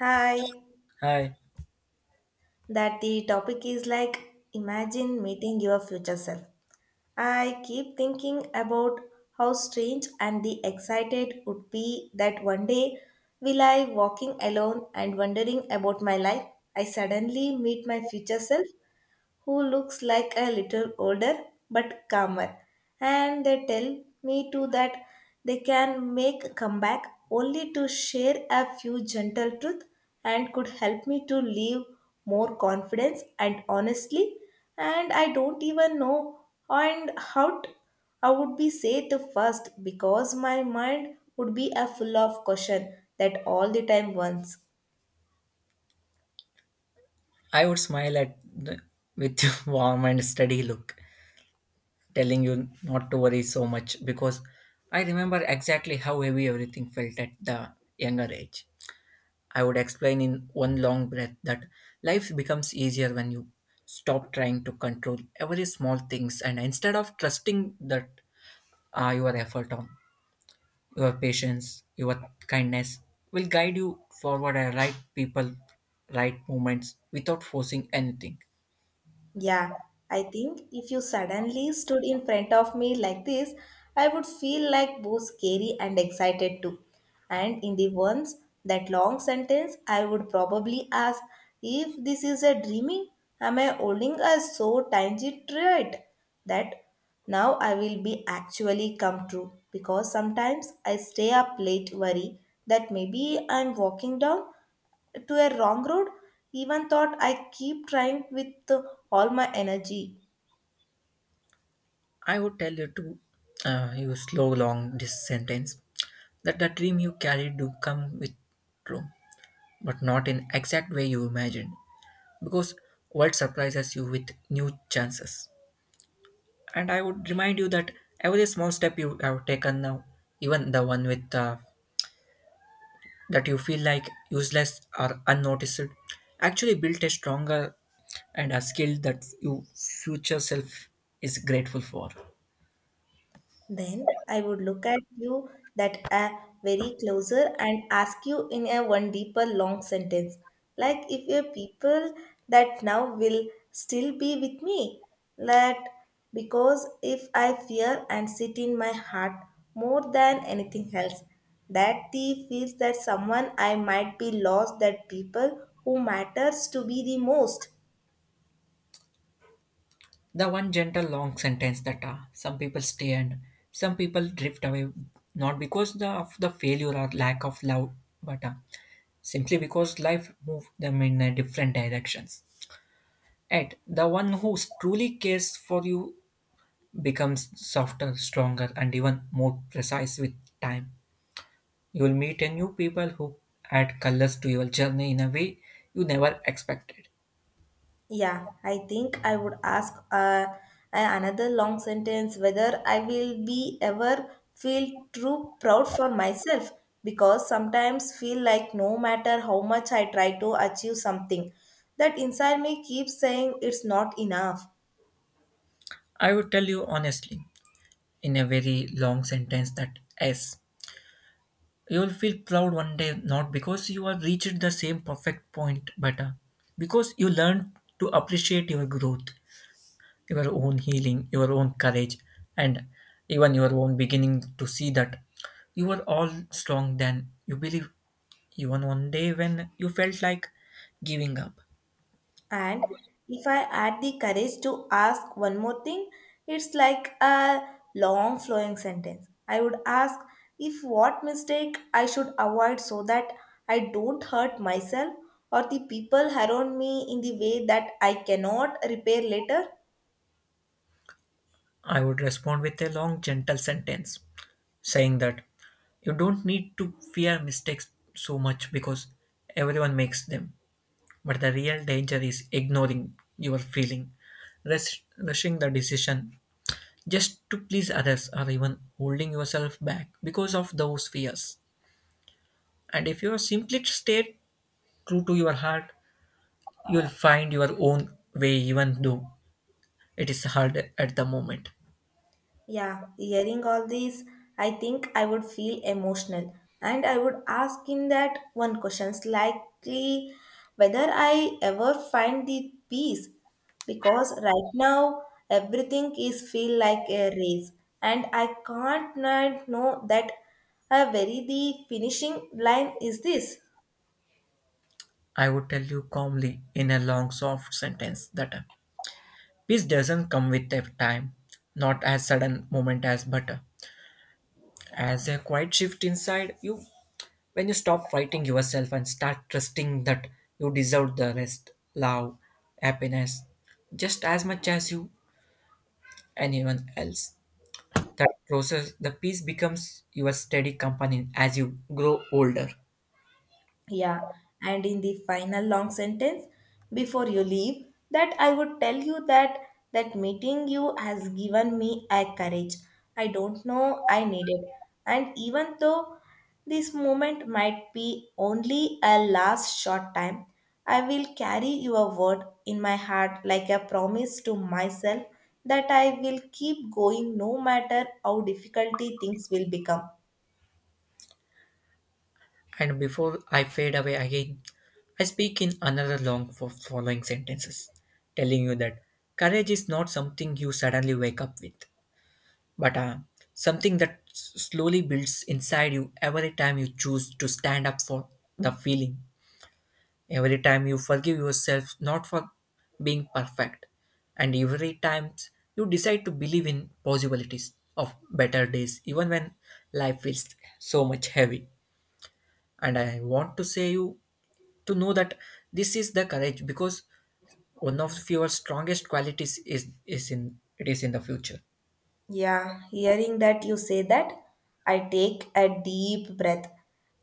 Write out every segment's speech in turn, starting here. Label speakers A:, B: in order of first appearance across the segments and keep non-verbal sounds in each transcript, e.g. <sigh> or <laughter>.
A: Hi,
B: Hi.
A: that the topic is like imagine meeting your future self. I keep thinking about how strange and the excited would be that one day will I walking alone and wondering about my life. I suddenly meet my future self who looks like a little older but calmer. And they tell me too that they can make a comeback only to share a few gentle truths and could help me to live more confidence and honestly. And I don't even know and I would be say it first because my mind would be a full of question that all the time once.
B: I would smile at the, with <laughs> your warm and steady look, telling you not to worry so much because I remember exactly how heavy everything felt at the younger age. I would explain in one long breath that life becomes easier when you stop trying to control every small things and instead of trusting that your effort on your patience, your kindness will guide you forward at right people, right moments without forcing anything.
A: Yeah, I think if you suddenly stood in front of me like this, I would feel like both scary and excited too. And in the once that long sentence, I would probably ask if this is a dreaming, am I holding a so tiny thread that now I will be actually come true? Because sometimes I stay up late worry that maybe I'm walking down to a wrong road even thought I keep trying with all my energy.
B: I would tell you to you slow long this sentence that the dream you carried do come with true, but not in exact way you imagined, because world surprises you with new chances. And I would remind you that every small step you have taken now, even the one with that you feel like useless or unnoticed, actually built a stronger and a skill that your future self is grateful for.
A: Then I would look at you that a very closer and ask you in a one deeper long sentence like if your people that now will still be with me, that because if I fear and sit in my heart more than anything else, that the feels that someone I might be lost that people who matters to be the most.
B: The one gentle long sentence that some people stay and some people drift away, not because of the failure or lack of love, but simply because life moved them in different directions. And the one who truly cares for you becomes softer, stronger, and even more precise with time. You will meet a new people who add colors to your journey in a way you never expected.
A: Yeah, I think I would ask another long sentence whether I will be ever feel true proud for myself, because sometimes feel like no matter how much I try to achieve something, that inside me keeps saying it's not enough.
B: I would tell you honestly, in a very long sentence, that yes, you will feel proud one day, not because you have reached the same perfect point, but because you learned to appreciate your growth, your own healing, your own courage, and even your own beginning to see that you were all strong than you believe even one day when you felt like giving up.
A: And if I add the courage to ask one more thing, it's like a long flowing sentence. I would ask if what mistake I should avoid so that I don't hurt myself or the people around me in the way that I cannot repair later.
B: I would respond with a long, gentle sentence saying that you don't need to fear mistakes so much because everyone makes them. But the real danger is ignoring your feeling, rushing the decision just to please others, or even holding yourself back because of those fears. And if you simply stay true to your heart, you'll find your own way, even though it is hard at the moment.
A: Yeah, hearing all these, I think I would feel emotional and I would ask him that one question's likely whether I ever find the peace, because right now everything is feel like a race and I can't not know that a very the finishing line is this.
B: I would tell you calmly in a long, soft sentence that peace doesn't come with a time, not as sudden moment as butter. As a quiet shift inside you when you stop fighting yourself and start trusting that you deserve the rest, love, happiness, just as much as you anyone else. That process, the peace becomes your steady companion as you grow older.
A: Yeah, and in the final long sentence, before you leave, that I would tell you that that meeting you has given me a courage I don't know I needed. And even though this moment might be only a last short time, I will carry your word in my heart like a promise to myself that I will keep going no matter how difficulty things will become.
B: And before I fade away again, I speak in another long for following sentences, telling you that courage is not something you suddenly wake up with, but something that slowly builds inside you every time you choose to stand up for the feeling, every time you forgive yourself not for being perfect, and every time you decide to believe in possibilities of better days, even when life feels so much heavy. And I want to say you to know that this is the courage because one of your strongest qualities is in the future.
A: Yeah, hearing that you say that, I take a deep breath.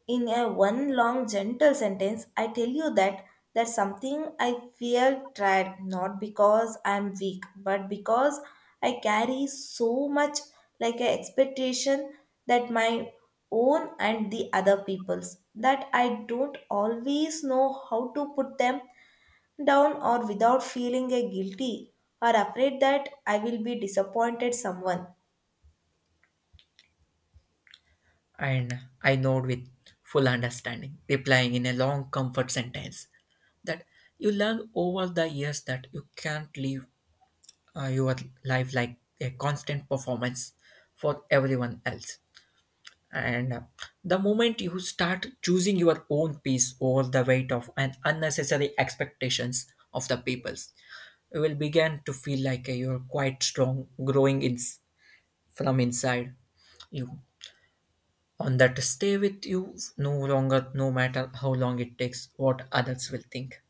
A: In a one long gentle sentence, I tell you that that's something I feel tired, not because I'm weak, but because I carry so much like an expectation that my own and the other people's that I don't always know how to put them down or without feeling a guilty or afraid that I will be disappointed someone.
B: And I nod with full understanding, replying in a long comfort sentence that you learn over the years that you can't live your life like a constant performance for everyone else. And the moment you start choosing your own peace over the weight of an unnecessary expectations of the peoples, you will begin to feel like you're quite strong, growing in, from inside you on that stay with you no longer no matter how long it takes what others will think.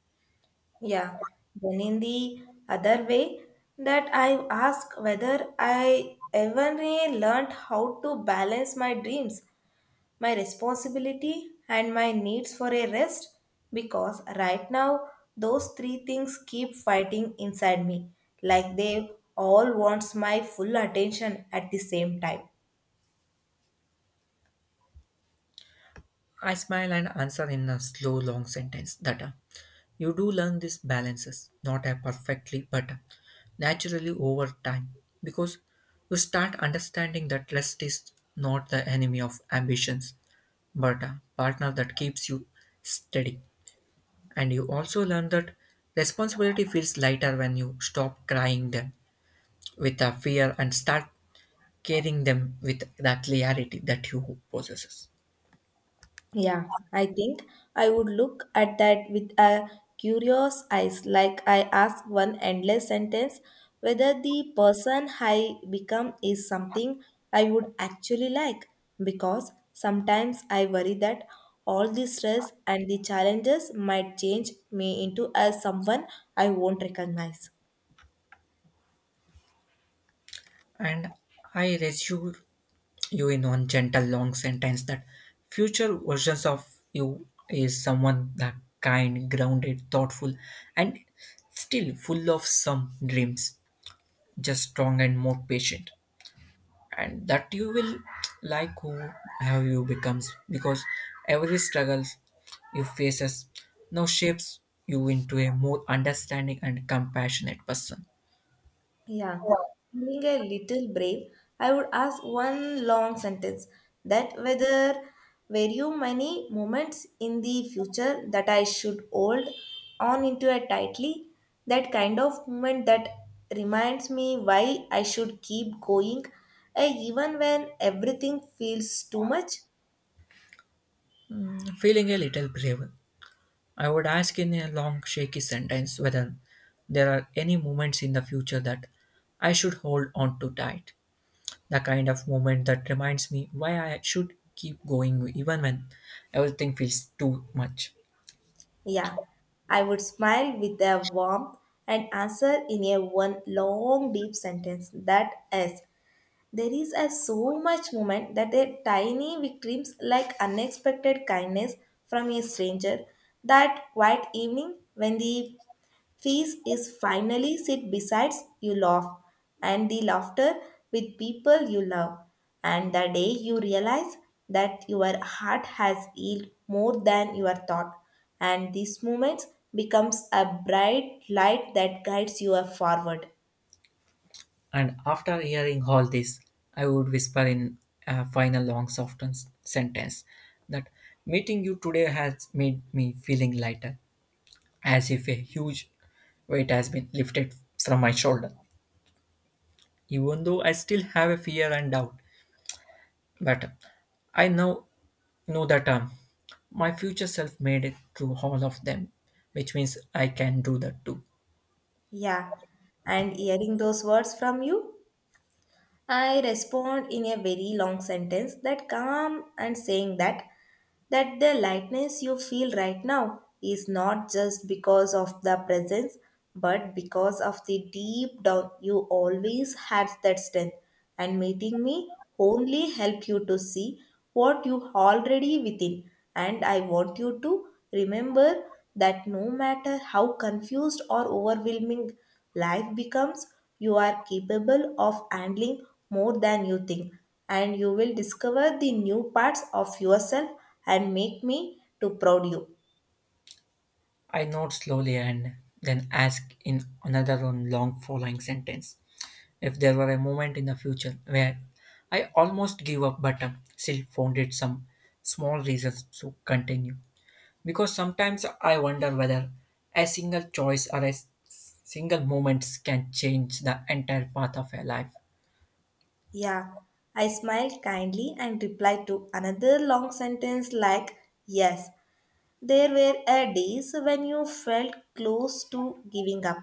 A: Yeah. Then in the other way that I ask whether I ever really learned how to balance my dreams, my responsibility and my needs for a rest, because right now those three things keep fighting inside me like they all wants my full attention at the same time.
B: I smile and answer in a slow long sentence that you do learn these balances not perfectly but naturally over time because you start understanding that lust is not the enemy of ambitions but a partner that keeps you steady and you also learn that responsibility feels lighter when you stop crying them with a fear and start carrying them with the clarity that you possesses.
A: Yeah, I think I would look at that with a curious eyes, like I ask one endless sentence whether the person I become is something I would actually like. Because sometimes I worry that all the stress and the challenges might change me into as someone I won't recognize.
B: And I reassure you in one gentle long sentence that future versions of you is someone that kind, grounded, thoughtful, and still full of some dreams, just strong and more patient. And that you will like who have you becomes because every struggles you faces now shapes you into a more understanding and compassionate person.
A: Yeah, feeling a little brave, I would ask one long sentence that whether were you many moments in the future that I should hold on into it tightly, that kind of moment that reminds me why I should keep going, even when everything feels too much.
B: Feeling a little brave, I would ask in a long, shaky sentence whether there are any moments in the future that I should hold on to tight. The kind of moment that reminds me why I should keep going even when everything feels too much.
A: Yeah, I would smile with a warmth and answer in a one long deep sentence that is. There is a so much moment that a tiny victims like unexpected kindness from a stranger. That quiet evening when the feast is finally sit besides you laugh and the laughter with people you love. And the day you realize that your heart has healed more than your thought. And these moments becomes a bright light that guides you forward.
B: And after hearing all this, I would whisper in a final long, soft sentence that meeting you today has made me feeling lighter, as if a huge weight has been lifted from my shoulder, even though I still have a fear and doubt. But I now know that my future self made it through all of them, which means I can do that too.
A: Yeah, and hearing those words from you, I respond in a very long sentence that calm and saying that that the lightness you feel right now is not just because of the presence, but because of the deep down you always had that strength, and meeting me only helped you to see what you already within. And I want you to remember that no matter how confused or overwhelming life becomes, you are capable of handling more than you think, and you will discover the new parts of yourself and make me to proud you.
B: I nod slowly and then ask in another long following sentence if there were a moment in the future where I almost gave up but still found it some small reasons to continue. Because sometimes I wonder whether a single choice or a single moment can change the entire path of a life.
A: Yeah, I smiled kindly and replied to another long sentence like yes. There were days when you felt close to giving up,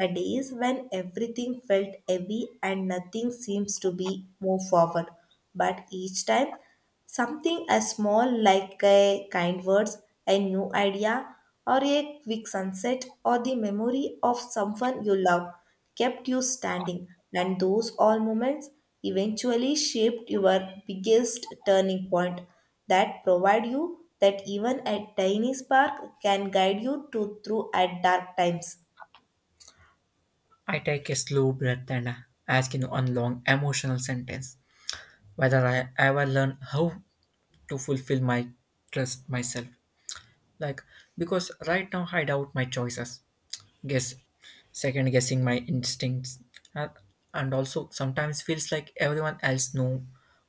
A: the days when everything felt heavy and nothing seems to be move forward. But each time, something as small like a kind words, a new idea, or a quick sunset or the memory of someone you love kept you standing, and those all moments eventually shaped your biggest turning point that provide you that even a tiny spark can guide you to through at dark times.
B: I take a slow breath and ask in one long emotional sentence whether I ever learn how to fulfill my trust myself. Like, because right now I doubt my choices, guess, second guessing my instincts, uh, and also sometimes feels like everyone else know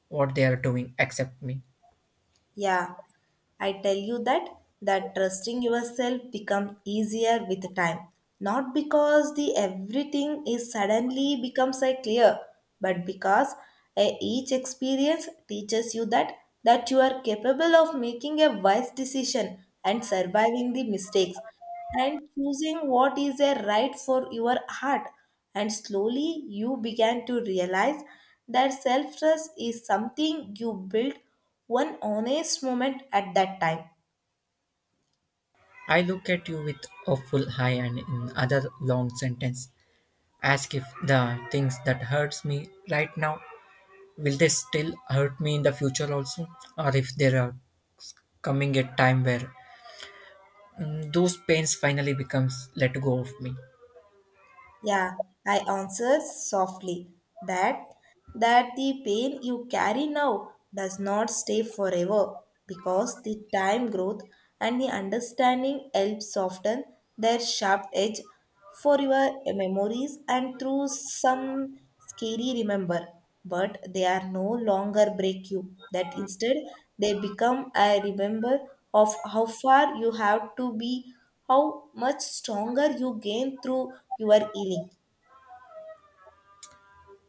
B: what they are doing except me.
A: Yeah, I tell you that that trusting yourself become easier with time. Not because the everything is suddenly becomes a clear, but because a, each experience teaches you that that you are capable of making a wise decision and surviving the mistakes and choosing what is a right for your heart. And slowly you began to realize that self trust is something you build one honest moment at that time.
B: I look at you with a full eye and in other long sentence, ask if the things that hurts me right now, will they still hurt me in the future also? Or if there are coming a time where those pains finally becomes let go of me.
A: Yeah, I answered softly that that the pain you carry now does not stay forever, because the time growth and the understanding help soften their sharp edge for your memories, and through some scary remember, but they are no longer break you, that instead they become a remember of how far you have to be, how much stronger you gain through your healing.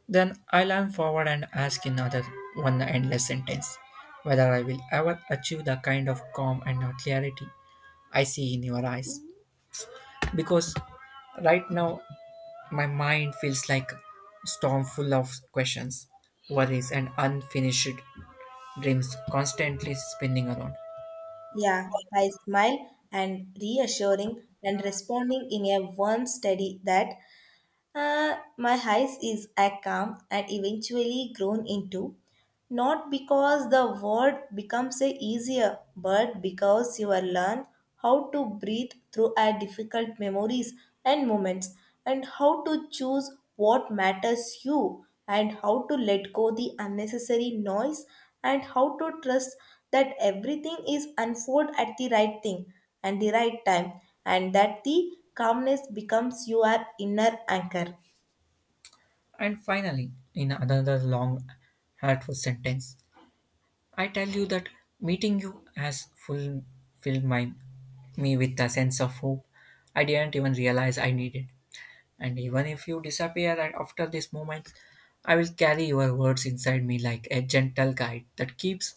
B: Then I lean forward and ask in other one endless sentence whether I will ever achieve the kind of calm and clarity I see in your eyes. Because right now my mind feels like a storm full of questions, worries, and unfinished dreams constantly spinning around.
A: Yeah, I smile and reassuring and responding in a one steady that my house is a calm and eventually grown into, not because the word becomes a easier, but because you are learn how to breathe through our difficult memories and moments, and how to choose what matters you, and how to let go the unnecessary noise, and how to trust that everything is unfold at the right thing and the right time, and that the calmness becomes your inner anchor.
B: And finally, in another long, hurtful sentence, I tell you that meeting you has fulfilled me with a sense of hope I didn't even realize I needed. And even if you disappear and after this moment, I will carry your words inside me like a gentle guide that keeps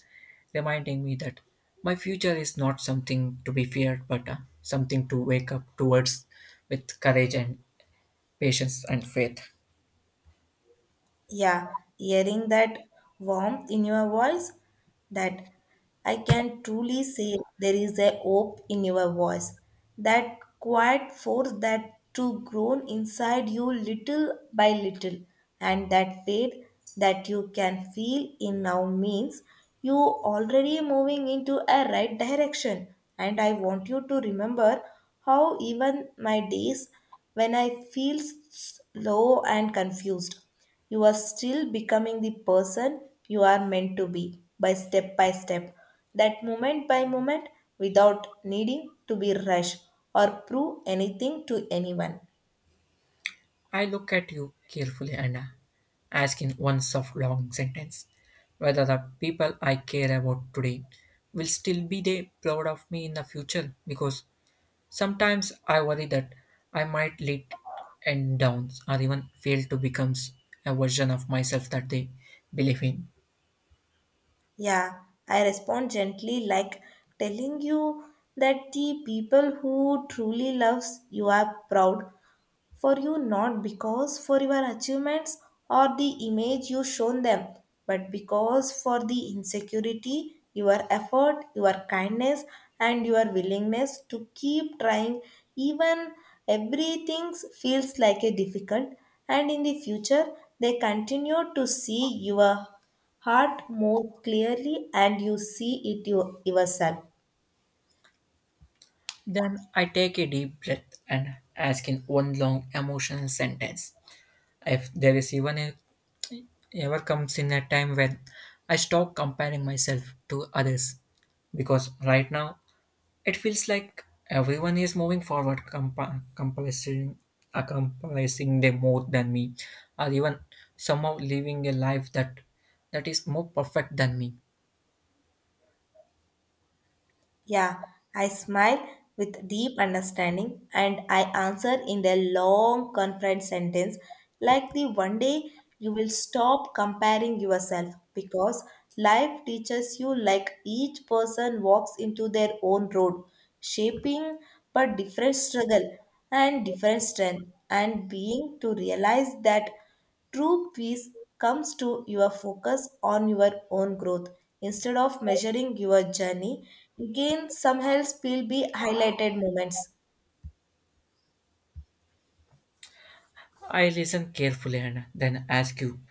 B: reminding me that my future is not something to be feared, but something to wake up towards with courage and patience and faith.
A: Yeah, hearing that warmth in your voice, that I can truly say there is a hope in your voice. That quiet force that to grown inside you little by little, and that faith that you can feel in now means you already moving into a right direction. And I want you to remember how even my days when I feel slow and confused. You are still becoming the person you are meant to be by step by step. That moment by moment without needing to be rushed or prove anything to anyone.
B: I look at you carefully and ask in one soft long sentence whether the people I care about today will still be they proud of me in the future because sometimes I worry that I might let and down or even fail to become a version of myself that they believe in.
A: Yeah, I respond gently like telling you that the people who truly loves you are proud for you not because for your achievements or the image you shown them, but because for the insecurity your effort your kindness and your willingness to keep trying, even everything feels like a difficult, and in the future they continue to see your heart more clearly and you see it you, yourself.
B: Then I take a deep breath and ask in one long emotional sentence. If there is even a, ever comes in a time when I stop comparing myself to others, because right now it feels like everyone is moving forward, accomplishing, accomplishing them more than me, or even somehow living a life that that is more perfect than me.
A: Yeah, I smile with deep understanding and I answer in a long, confident sentence like the one day you will stop comparing yourself because life teaches you like each person walks into their own road, shaping but different struggle and different strength and being to realize that. True peace comes to your focus on your own growth instead of measuring your journey against someone else will be highlighted moments.
B: I listen carefully and then ask you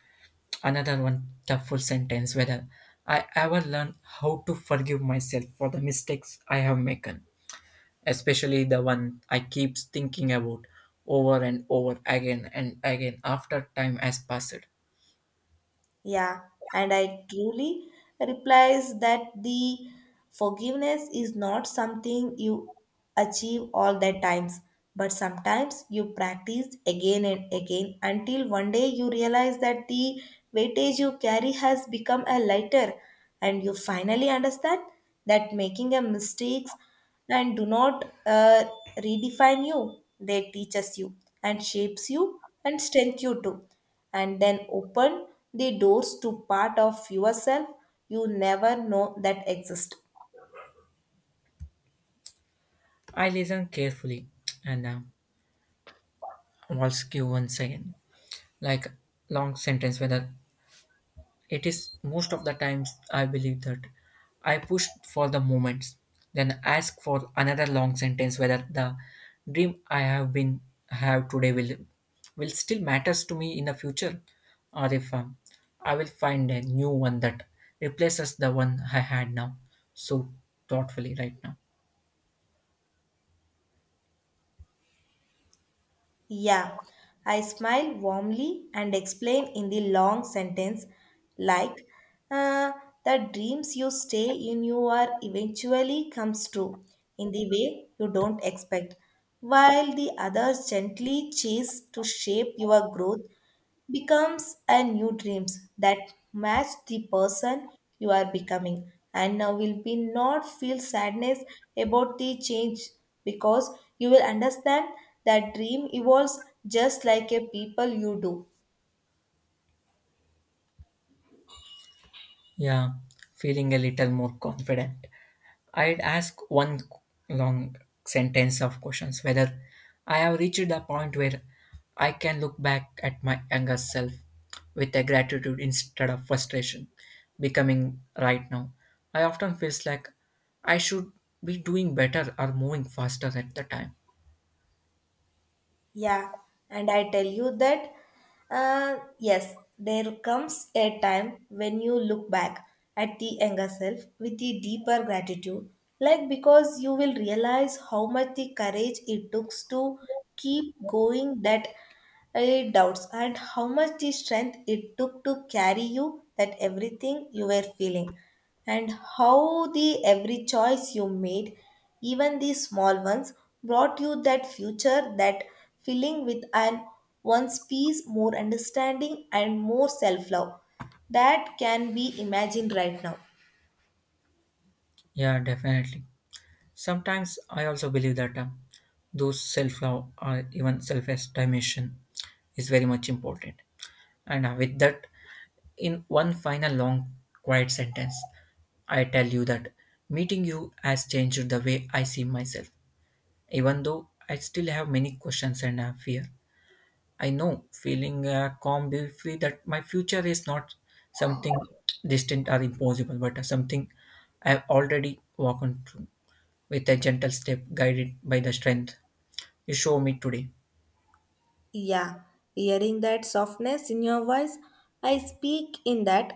B: another one thoughtful sentence whether I ever learned how to forgive myself for the mistakes I have made, especially the one I keep thinking about over and over again and again after time has passed.
A: Yeah, and I truly replies that the forgiveness is not something you achieve all the times, but sometimes you practice again and again until one day you realize that the weightage you carry has become a lighter, and you finally understand that making a mistakes and do not redefine you. They teaches you and shapes you and strength you too, and then open the doors to part of yourself you never know that exist.
B: I listened carefully and was give once again, like long sentence. Whether it is most of the times, I believe that I pushed for the moments, then ask for another long sentence. Whether the dream I have been have today will still matters to me in the future, or if I will find a new one that replaces the one I had now. So thoughtfully, right now.
A: Yeah, I smile warmly and explain in the long sentence like, "Uh, the dreams you stay in you are eventually comes true in the way you don't expect, while the others gently chase to shape your growth becomes a new dreams that match the person you are becoming and now will be not feel sadness about the change, because you will understand that dream evolves just like a people you do.
B: Yeah, feeling a little more confident. I'd ask one long sentence of questions whether I have reached the point where I can look back at my younger self with a gratitude instead of frustration becoming right now. I often feels like I should be doing better or moving faster at the time.
A: Yeah, and I tell you that, yes, there comes a time when you look back at the younger self with a deeper gratitude, like because you will realize how much the courage it took to keep going that, doubts, and how much the strength it took to carry you that everything you were feeling, and how the every choice you made, even the small ones, brought you that future that filling with an one's peace, more understanding and more self love that can be imagined right now.
B: Yeah, definitely. Sometimes I also believe that those self love or even self estimation is very much important. And with that, in one final long, quiet sentence, I tell you that meeting you has changed the way I see myself. Even though I still have many questions and fear, I know feeling calm, be that my future is not something distant or impossible, but something I've already walked through with a gentle step guided by the strength you show me today.
A: Yeah, hearing that softness in your voice, I speak in that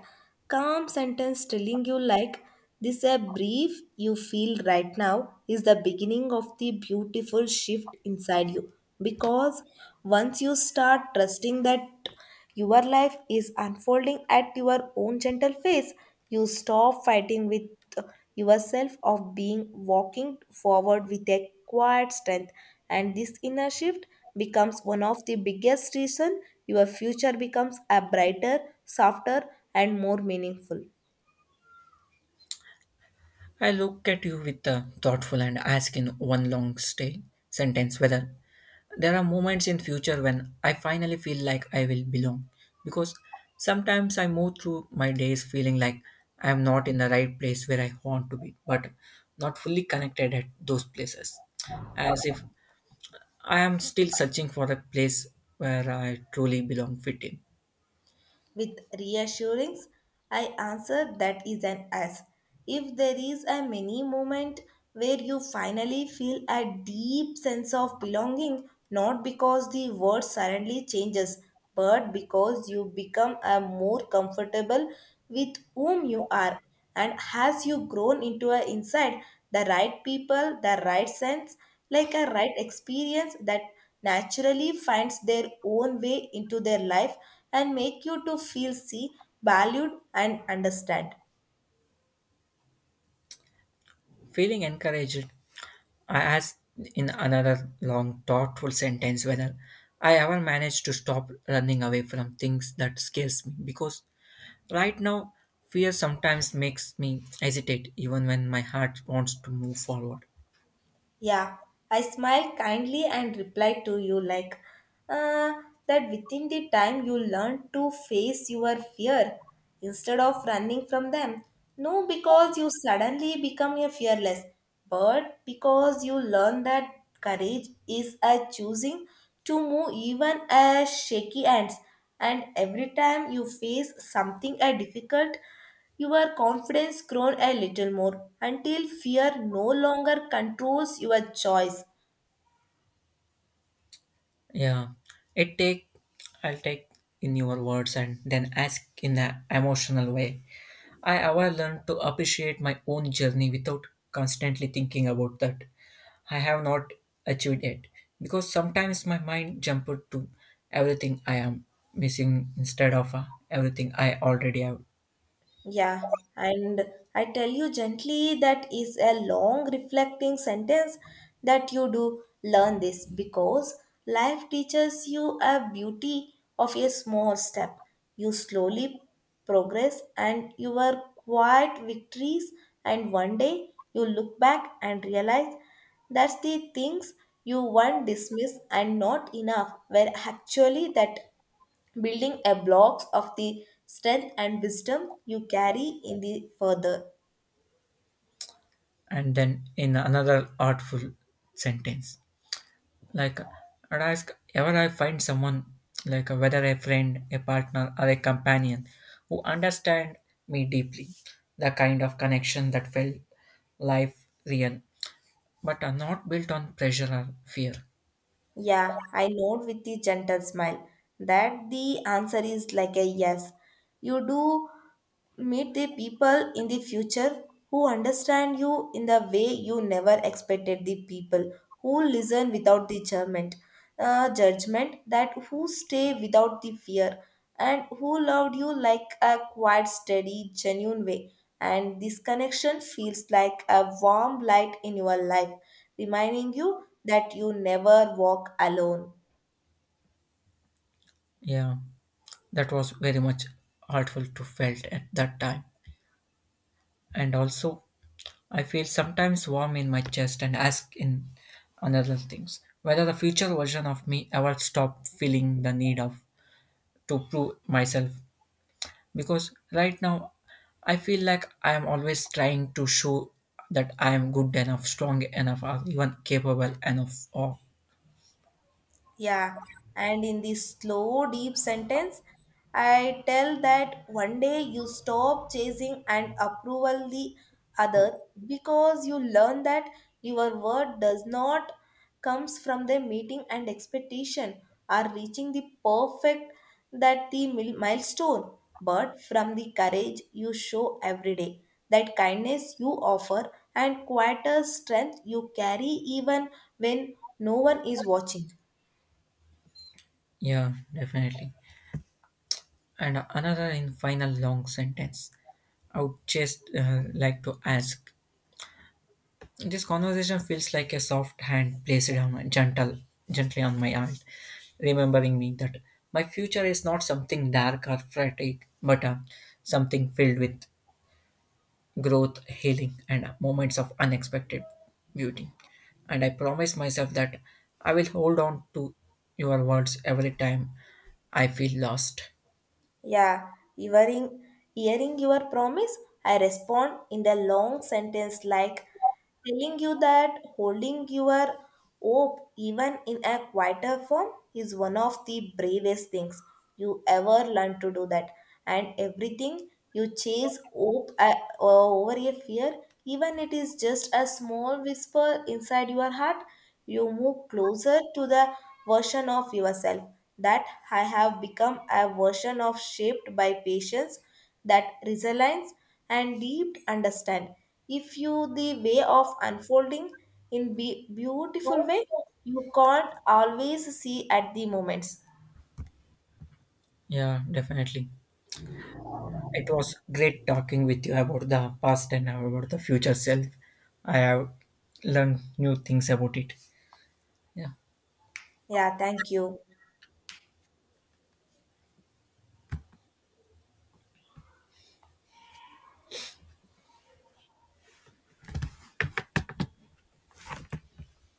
A: calm sentence telling you like this a brief you feel right now is the beginning of the beautiful shift inside you, because once you start trusting that your life is unfolding at your own gentle pace. You stop fighting with yourself of being walking forward with a quiet strength, and this inner shift becomes one of the biggest reason your future becomes a brighter, softer, and more meaningful.
B: I look at you with a thoughtful and ask in one long stay sentence whether there are moments in future when I finally feel like I will belong because sometimes I move through my days feeling like I am not in the right place where I want to be but not fully connected at those places as if I am still searching for a place where I truly belong fit in.
A: With reassurance, I answered that is an S. If there is a mini moment where you finally feel a deep sense of belonging, not because the world suddenly changes, but because you become a more comfortable with whom you are and has you grown into a inside the right people, the right sense, like a right experience that naturally finds their own way into their life and make you to feel see, valued, and understand.
B: Feeling encouraged, I asked in another long, thoughtful sentence whether I ever managed to stop running away from things that scares me because right now fear sometimes makes me hesitate even when my heart wants to move forward.
A: Yeah, I smiled kindly and replied to you like, uh, that within the time you learn to face your fear instead of running from them. No, because you suddenly become a fearless, but because you learn that courage is a choosing to move even as shaky hands. And every time you face something a difficult, your confidence grows a little more until fear no longer controls your choice.
B: Yeah, it take I'll take in your words and then ask in an emotional way. I ever learned to appreciate my own journey without constantly thinking about that. I have not achieved it because sometimes my mind jumped to everything I am missing instead of everything I already have,
A: Yeah, and I tell you gently that is a long reflecting sentence that you do learn this because life teaches you a beauty of a small step. You slowly progress and your quiet victories, and one day you look back and realize that's the things you once dismissed and not enough were actually that building a blocks of the strength and wisdom you carry in the further.
B: and then in another artful sentence. Like, I'd ask ever I find someone, like whether a friend, a partner, or a companion, who understand me deeply, the kind of connection that felt life real, but are not built on pressure or fear.
A: Yeah, I nod with the gentle smile that the answer is like a yes. You do meet the people in the future who understand you in the way you never expected, the people who listen without the judgment, judgment that who stay without the fear and who loved you like a quiet steady genuine way, and this connection feels like a warm light in your life reminding you that you never walk alone.
B: Yeah, that was very much hurtful to felt at that time. And also, I feel sometimes warm in my chest and ask in another things whether the future version of me ever stop feeling the need of to prove myself because right now I feel like I am always trying to show that I am good enough, strong enough, or even capable enough of.
A: Yeah, and in this slow, deep sentence, I tell that one day you stop chasing and approval the other because you learn that your word does not comes from the meeting and expectation or reaching the perfect that the milestone, but from the courage you show every day, that kindness you offer and quieter strength you carry even when no one is watching.
B: Yeah, definitely. And another in final long sentence, I would just like to ask. This conversation feels like a soft hand placed on my gently on my heart, remembering me that my future is not something dark or frantic, but something filled with growth, healing, and moments of unexpected beauty. And I promise myself that I will hold on to your words every time I feel lost.
A: Yeah, hearing, hearing your promise, I respond in the long sentence like telling you that holding your hope even in a quieter form is one of the bravest things you ever learn to do that. And everything you chase hope over a fear, even it is just a small whisper inside your heart, you move closer to the version of yourself that I have become a version of shaped by patience, that resilience and deep understand. If you the way of unfolding in beautiful way, you can't always see at the moments.
B: Yeah, definitely. It was great talking with you about the past and about the future self. I have learned new things about it. Yeah.
A: Yeah, thank you.